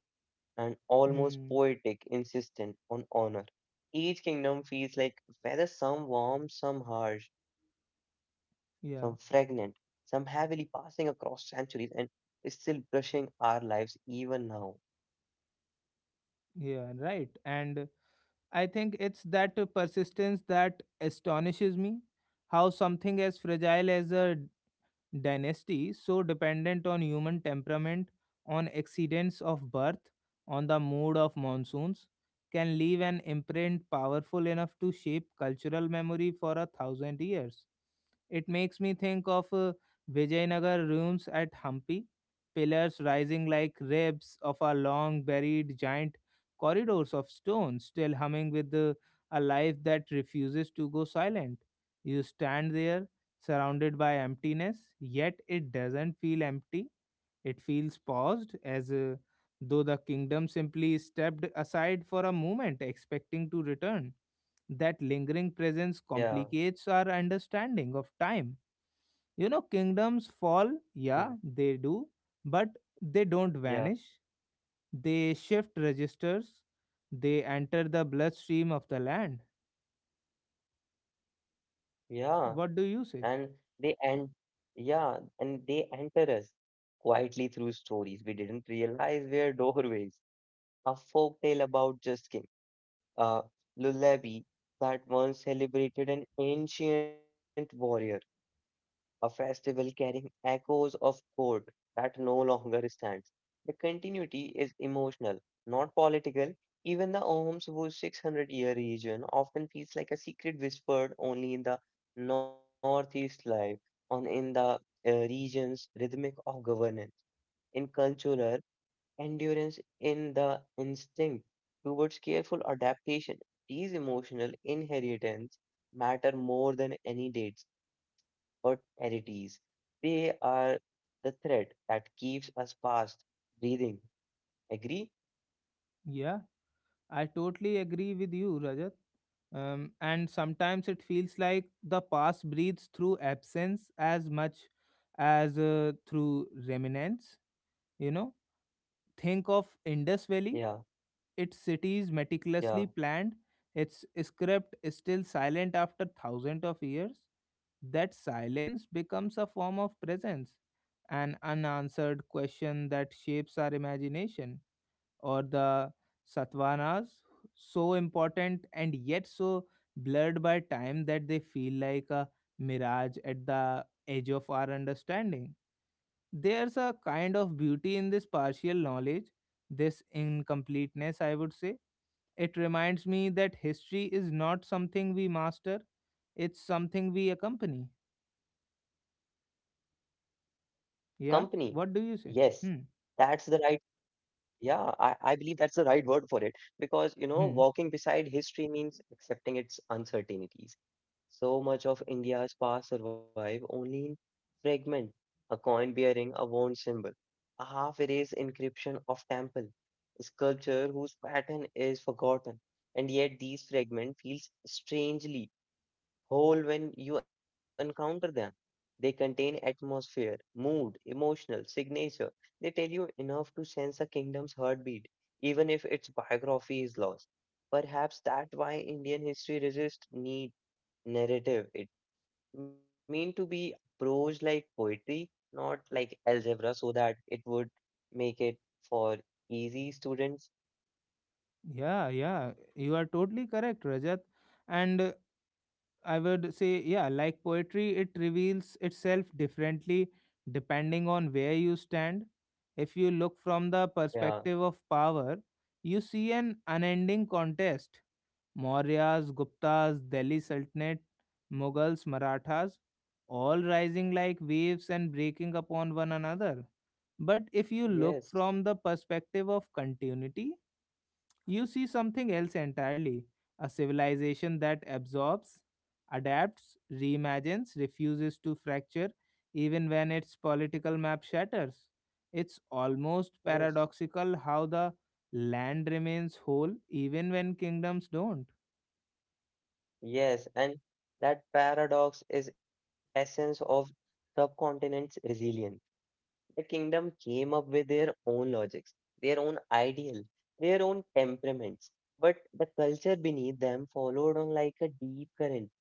Speaker 2: and almost
Speaker 1: Hmm.
Speaker 2: poetic insistent on honor. Each kingdom feels like whether some warm, some harsh, some fragrant, some
Speaker 1: Yeah,
Speaker 2: heavily passing across centuries and still brushing our lives even now.
Speaker 1: yeah, right. And I think it's that persistence that astonishes me. How something as fragile as a dynasty, so dependent on human temperament, on accidents of birth, on the mood of monsoons, can leave an imprint powerful enough to shape cultural memory for a thousand years. It makes me think of Vijayanagar ruins at Hampi, pillars rising like ribs of a long buried giant, corridors of stone still humming with a life that refuses to go silent. You stand there surrounded by emptiness, yet it doesn't feel empty. It feels paused, as though the kingdom simply stepped aside for a moment, expecting to return. That lingering presence
Speaker 2: Yeah,
Speaker 1: complicates our understanding of time. You know, kingdoms
Speaker 2: mm,
Speaker 1: fall, yeah, they do, but they
Speaker 2: yeah,
Speaker 1: don't vanish. They shift registers, they enter the bloodstream of the land.
Speaker 2: yeah.
Speaker 1: What do
Speaker 2: And
Speaker 1: you say?
Speaker 2: they end, yeah, and they enter us quietly through stories we didn't realize were [laughs] doorways. A folk tale about just king, a lullaby that once celebrated an ancient warrior, a festival carrying echoes of court that no longer stands. The continuity is emotional, not political. Even the Ohm's 600 year region often feels like a secret whispered only in the northeast life, on in the region's rhythmic of governance. In cultural endurance in the instinct towards careful adaptation. These emotional inheritance matter more than any dates or charities. They are the thread that keeps us past breathing. Agree?
Speaker 1: Yeah. I totally agree with you, Rajat. And sometimes it feels like the past breathes through absence as much as through remnants. You know, think of
Speaker 2: Yeah,
Speaker 1: Indus Valley, its cities
Speaker 2: yeah.
Speaker 1: meticulously planned, its script still silent after thousands of years. That silence becomes a form of presence, an unanswered question that shapes our imagination, or the satvanas, so important and yet so blurred by time that they feel like a mirage at the edge of our understanding. There's a kind of beauty in this partial knowledge, this incompleteness, I would say. It reminds me that history is not something we master, it's something we accompany.
Speaker 2: Company. Yes,
Speaker 1: Yeah? What
Speaker 2: that's
Speaker 1: do
Speaker 2: the
Speaker 1: you say?
Speaker 2: right.
Speaker 1: Hmm.
Speaker 2: Yeah, I believe that's the right word for it because, you know, walking
Speaker 1: Hmm.
Speaker 2: beside history means accepting its uncertainties. So much of India's past survive only in fragment, a coin bearing a worn symbol, a half-erased inscription of temple, sculpture whose pattern is forgotten, and yet these fragments feel strangely whole when you encounter them. They contain atmosphere, mood, emotional signature. They tell you enough to sense a kingdom's heartbeat, even if its biography is lost. Perhaps that's why Indian history resists need narrative. It mean to be prose like poetry, not like algebra, so that it would make it for easy students.
Speaker 1: Yeah, yeah. You are totally correct, Rajat. And I would say, yeah, like poetry, it reveals itself differently depending on where you stand. If you look from the
Speaker 2: Yeah.
Speaker 1: perspective of power, you see an unending contest. Mauryas, Guptas, Delhi Sultanate, Mughals, Marathas, all rising like waves and breaking upon one another. But if you look
Speaker 2: Yes.
Speaker 1: from the perspective of continuity, you see something else entirely, a civilization that absorbs, adapts, reimagines, refuses to fracture even when its political map shatters. It's almost
Speaker 2: Yes.
Speaker 1: paradoxical how the land remains whole even when kingdoms don't.
Speaker 2: Yes. And that paradox is essence of subcontinent's resilience. The kingdom came up with their own logics, their own ideal, their own temperaments. But the culture beneath them followed on like a deep current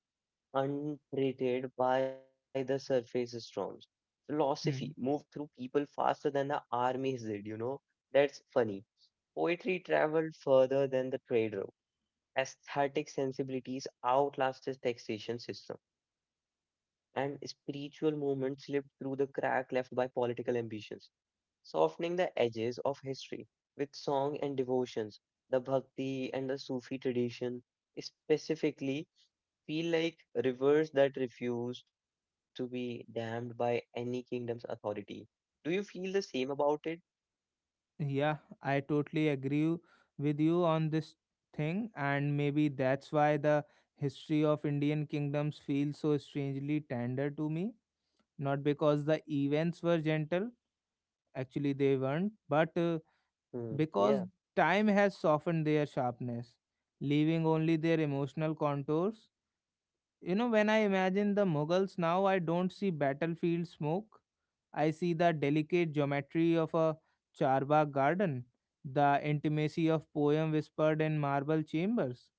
Speaker 2: untreated by the surface storms. Philosophy moved
Speaker 1: Hmm.
Speaker 2: through people faster than the armies did, you know. That's funny. Poetry traveled further than the trade route. Aesthetic sensibilities outlasted taxation system, and spiritual movement slipped through the crack left by political ambitions, softening the edges of history with song and devotions, the bhakti and the Sufi tradition, specifically feel like rivers that refuse to be dammed by any kingdom's authority. Do you feel the same about it?
Speaker 1: Yeah, I totally agree with you on this thing, and maybe that's why the history of Indian kingdoms feels so strangely tender to me, not because the events were gentle, actually they weren't, but
Speaker 2: Hmm, yeah,
Speaker 1: because time has softened their sharpness, leaving only their emotional contours. You know, when I imagine the Mughals now, I don't see battlefield smoke. I see the delicate geometry of a charbagh garden, the intimacy of poem whispered in marble chambers.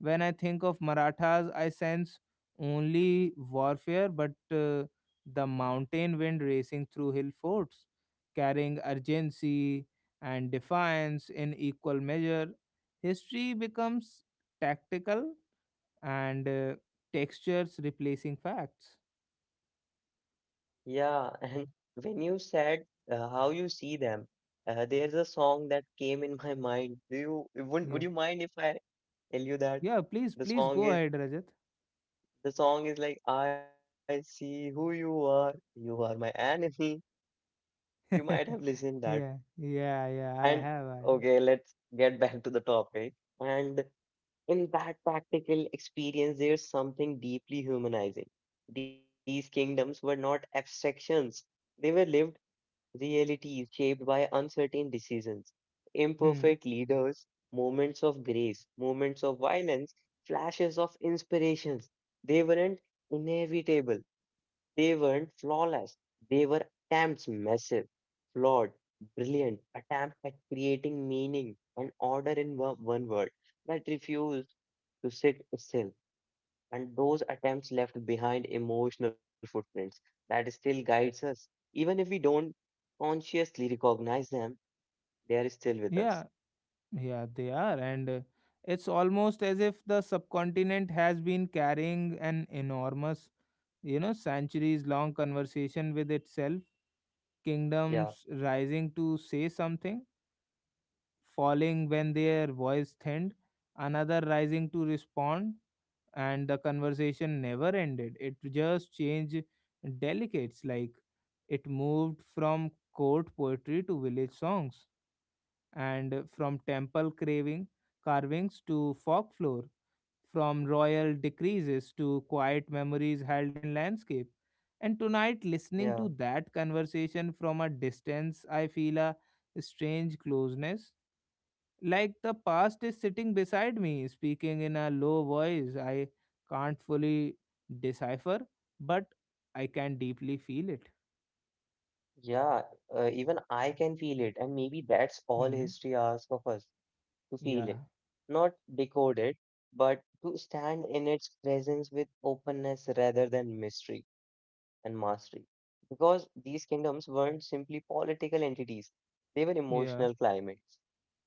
Speaker 1: When I think of Marathas, I sense only warfare, but the mountain wind racing through hill forts, carrying urgency and defiance in equal measure. History becomes tactical and textures replacing facts.
Speaker 2: yeah. [laughs] And when you said how you see them, there's a song that came in my mind. Do you would
Speaker 1: Yeah.
Speaker 2: you mind if I tell you that?
Speaker 1: Yeah, please,
Speaker 2: The
Speaker 1: please
Speaker 2: song
Speaker 1: go
Speaker 2: is,
Speaker 1: ahead, Rajat.
Speaker 2: the song is like I see who you are. You are my enemy. You might have
Speaker 1: [laughs]
Speaker 2: listened that.
Speaker 1: Yeah, yeah, yeah. I
Speaker 2: And
Speaker 1: have, I have.
Speaker 2: okay, let's get back to the topic. And in that practical experience, there's something deeply humanizing. These kingdoms were not abstractions, they were lived. Reality is shaped by uncertain decisions,
Speaker 1: Hmm.
Speaker 2: imperfect leaders, moments of grace, moments of violence, flashes of inspirations. They weren't inevitable. They weren't flawless. They were attempts massive, flawed, brilliant, attempt at creating meaning and order in one world that refused to sit still, and those attempts left behind emotional footprints that still guides us even if we don't consciously recognize them. They are still with
Speaker 1: Yeah,
Speaker 2: us.
Speaker 1: yeah, they are, and it's almost as if the subcontinent has been carrying an enormous, you know, centuries-long conversation with itself.
Speaker 2: Yeah,
Speaker 1: Kingdoms rising to say something, falling when their voice thinned, another rising to respond. And the conversation never ended. It just changed delicates, like it moved from court poetry to village songs, and from temple craving carvings to folklore, from royal decreases to quiet memories held in landscape. And tonight,
Speaker 2: yeah,
Speaker 1: listening to that conversation from a distance, I feel a strange closeness, like the past is sitting beside me, speaking in a low voice I can't fully decipher, but I can deeply feel it.
Speaker 2: yeah. Even I can feel it, and maybe that's all
Speaker 1: Hmm.
Speaker 2: history asks of us, to feel
Speaker 1: Yeah.
Speaker 2: it, not decode it, but to stand in its presence with openness rather than mystery and mastery. Because these kingdoms weren't simply political entities, they were
Speaker 1: Yeah.
Speaker 2: emotional climates,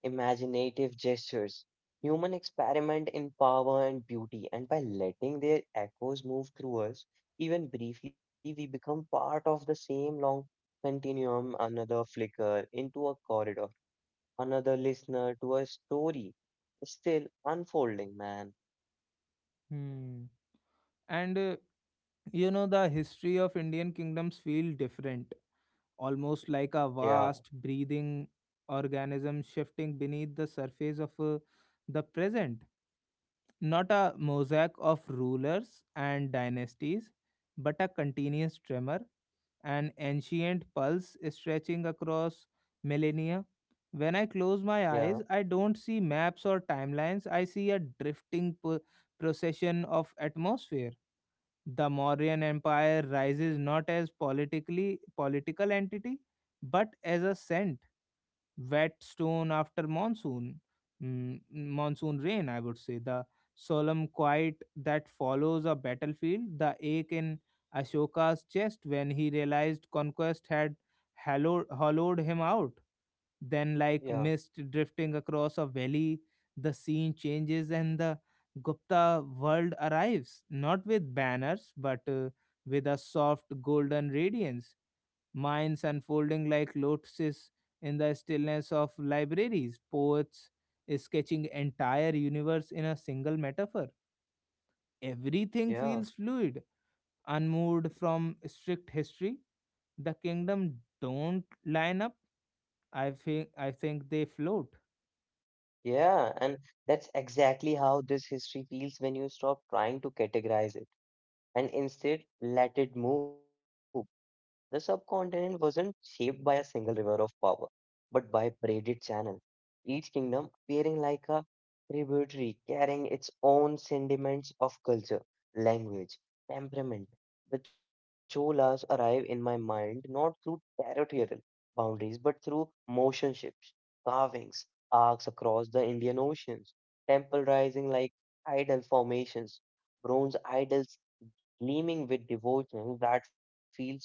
Speaker 2: imaginative gestures, human experiment in power and beauty, and by letting their echoes move through us, even briefly, we become part of the same long continuum, another flicker into a corridor, another listener to a story still unfolding, man.
Speaker 1: Hmm. And you know, the history of Indian kingdoms feel different, almost like a
Speaker 2: Yeah,
Speaker 1: vast breathing organism shifting beneath the surface of the present. Not a mosaic of rulers and dynasties, but a continuous tremor, an ancient pulse stretching across millennia. When I close my
Speaker 2: yeah,
Speaker 1: eyes, I don't see maps or timelines, I see a drifting procession of atmosphere. The Mauryan Empire rises not as politically political entity, but as a scent, wet stone after monsoon, monsoon rain, I would say, the solemn quiet that follows a battlefield, the ache in Ashoka's chest when he realized conquest had hollowed him out. Then, like
Speaker 2: yeah,
Speaker 1: mist drifting across a valley, the scene changes, and the Gupta world arrives not with banners but with a soft golden radiance, minds unfolding like lotuses in the stillness of libraries, poets sketching entire universe in a single metaphor. Everything
Speaker 2: yeah,
Speaker 1: feels fluid, unmoved from strict history. The kingdom don't line up. I think they float.
Speaker 2: yeah. And that's exactly how this history feels when you stop trying to categorize it and instead let it move. The subcontinent wasn't shaped by a single river of power, but by braided channel, each kingdom appearing like a tributary carrying its own sediments of culture, language, temperament. The Cholas arrive in my mind not through territorial boundaries but through motion ships, carvings, arcs across the Indian Oceans, temple rising like idol formations, bronze idols gleaming with devotion that feels both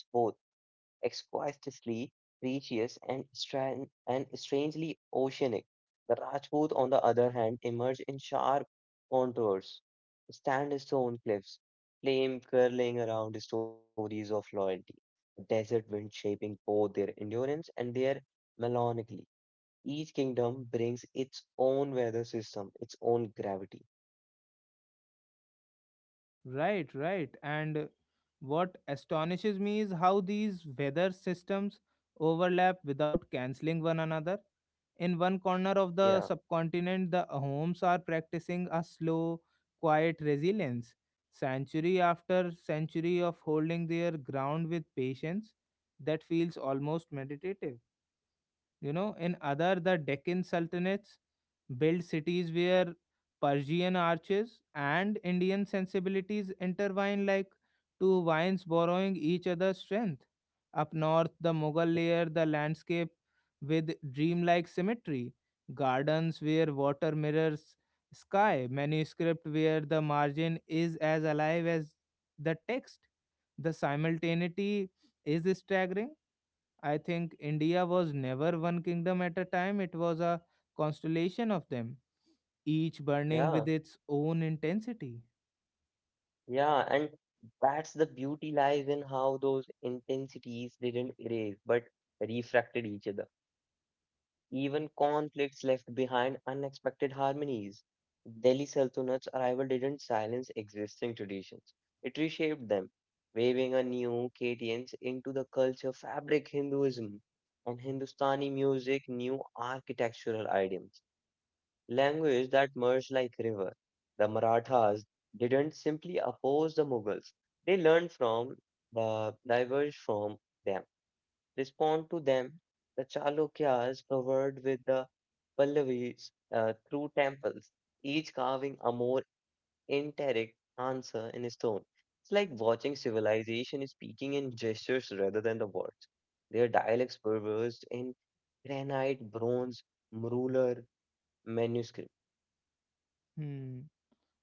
Speaker 2: exquisitely precious and, and strangely oceanic. The Rajput, on the other hand, emerge in sharp contours, sandstone cliffs, flame curling around stories of loyalty, the desert wind shaping both their endurance and their melancholy. Each kingdom brings its own weather system, its own gravity.
Speaker 1: Right, right. And what astonishes me is how these weather systems overlap without cancelling one another. In one corner
Speaker 2: Yeah,
Speaker 1: of the subcontinent, the Ahoms are practicing a slow, quiet resilience, century after century of holding their ground with patience that feels almost meditative. You know, in other, the Deccan sultanates built cities where Persian arches and Indian sensibilities intertwine like two vines borrowing each other's strength. Up north, the Mughal layer the landscape with dreamlike symmetry, gardens where water mirrors sky, manuscript where the margin is as alive as the text. The simultaneity is staggering. I think India was never one kingdom at a time, it was a constellation of them, each
Speaker 2: yeah.
Speaker 1: burning with its own intensity.
Speaker 2: Yeah, and that's the beauty lies in how those intensities didn't erase but refracted each other. Even conflicts left behind unexpected harmonies. Delhi Sultanate's arrival didn't silence existing traditions, it reshaped them, waving a new cadence into the culture fabric Hinduism and Hindustani music, new architectural idioms language that merged like river. The Marathas didn't simply oppose the Mughals. They learned from, the diverged from them, respond to them. The Chalukyas covered with the Pallavis through temples, each carving a more indirect answer in stone. It's like watching civilization speaking in gestures rather than the words. Their dialects were versed in granite, bronze, ruler, manuscript.
Speaker 1: Hmm.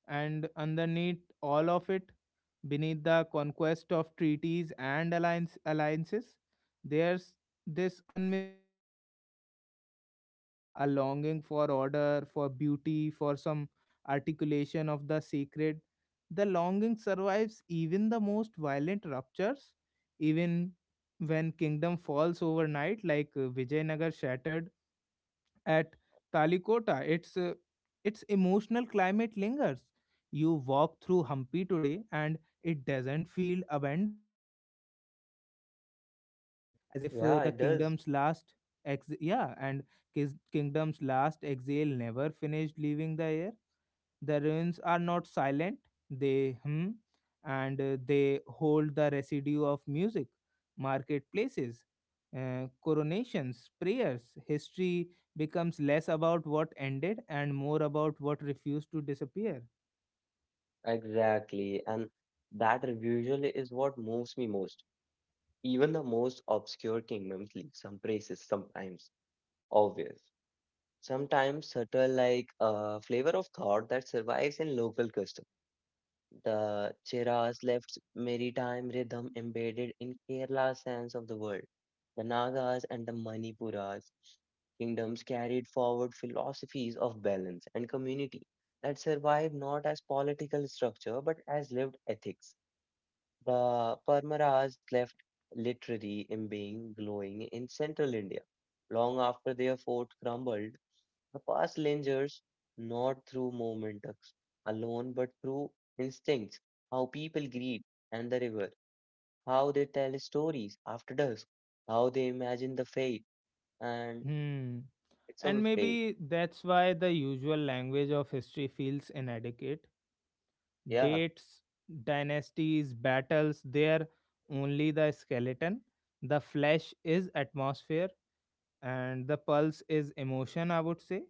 Speaker 1: And underneath all of it, beneath the conquest of treaties and alliances, there's this unmistakable emotional continuity, a longing for order, for beauty, for some articulation of the sacred. The longing survives even the most violent ruptures, even when kingdom falls overnight, like Vijayanagar shattered at Talikota, its emotional climate lingers. You walk through Hampi today and it doesn't feel abandoned, it feels suspended, as if
Speaker 2: Yeah, it
Speaker 1: the
Speaker 2: does.
Speaker 1: kingdom's last yeah and kingdom's last exhale never finished leaving the air. The ruins are not silent, they hum, and they hold the residue of music, marketplaces, coronations, prayers. History becomes less about what ended and more about what refused to disappear.
Speaker 2: Exactly. And that usually is what moves me most. Even the most obscure kingdoms leave some traces, sometimes obvious, sometimes subtle, like a flavor of thought that survives in local customs. The Cheras left maritime rhythm embedded in Kerala's sense of the world. The Nagas and the Manipuras kingdoms carried forward philosophies of balance and community that survived not as political structure but as lived ethics. The Parmaras left literary embaying glowing in central India long after their fort crumbled. The past lingers not through momentums alone, but through instincts, how people greet and the river, how they tell stories after dusk, how they imagine the fate, and
Speaker 1: Hmm.
Speaker 2: it's all
Speaker 1: And maybe
Speaker 2: fate.
Speaker 1: that's why the usual language of history feels inadequate.
Speaker 2: Yeah,
Speaker 1: Dates, dynasties, battles, they're only the skeleton. The flesh is atmosphere and the pulse is emotion, I would say,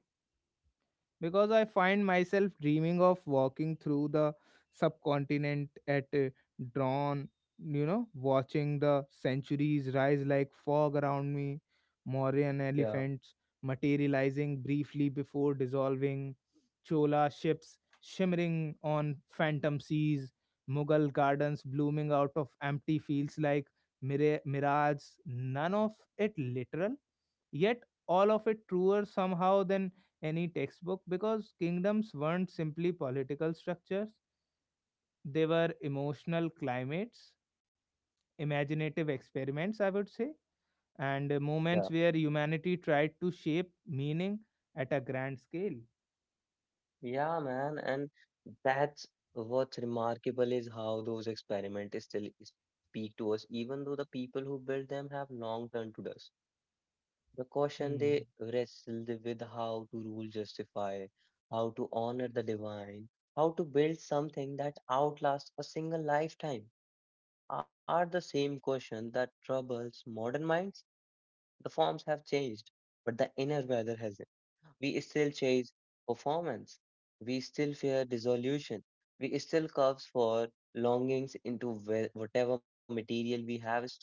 Speaker 1: because I find myself dreaming of walking through the subcontinent at dawn, you know, watching the centuries rise like fog around me, Mauryan
Speaker 2: yeah,
Speaker 1: elephants materializing briefly before dissolving, Chola ships shimmering on phantom seas, Mughal gardens blooming out of empty fields like mirage, none of it literal, yet all of it truer somehow than any textbook, because kingdoms weren't simply political structures, they were emotional climates, imaginative experiments, I would say, and
Speaker 2: yeah,
Speaker 1: moments where humanity tried to shape meaning at a grand scale.
Speaker 2: yeah, man. And that's what's remarkable is how those experiments still speak to us, even though the people who built them have long turned to dust. The caution they
Speaker 1: Hmm.
Speaker 2: wrestled with how to rule justify, how to honor the divine, how to build something that outlasts a single lifetime are the same question that troubles modern minds. The forms have changed, but the inner valor hasn't. We still chase performance. We still fear dissolution. We still curves for longings into whatever material we have stored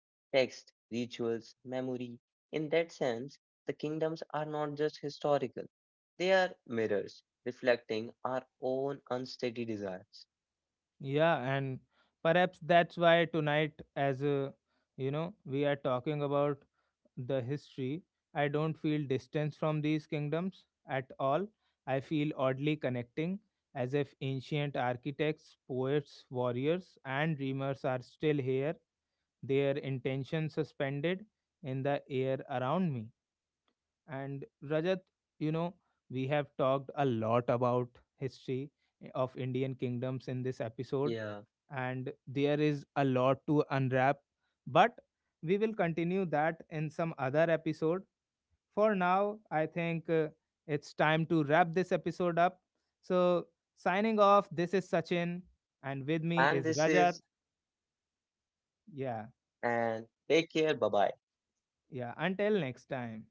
Speaker 2: text, rituals, memory. In that sense, the kingdoms are not just historical, they are mirrors reflecting our own unsteady desires.
Speaker 1: Yeah, and perhaps that's why tonight, as you know, we are talking about the history, I don't feel distance from these kingdoms at all. I feel oddly connecting, as if ancient architects, poets, warriors, and dreamers are still here, their intention suspended in the air around me. And Rajat, you know, we have talked a lot about history of Indian kingdoms in this episode,
Speaker 2: Yeah,
Speaker 1: and there is a lot to unwrap, but we will continue that in some other episode. For now, I think it's time to wrap this episode up. So, signing off, this is Sachin, and with me
Speaker 2: and
Speaker 1: is
Speaker 2: this
Speaker 1: Rajat.
Speaker 2: is,
Speaker 1: Yeah,
Speaker 2: and take care, bye bye.
Speaker 1: yeah. Until next time.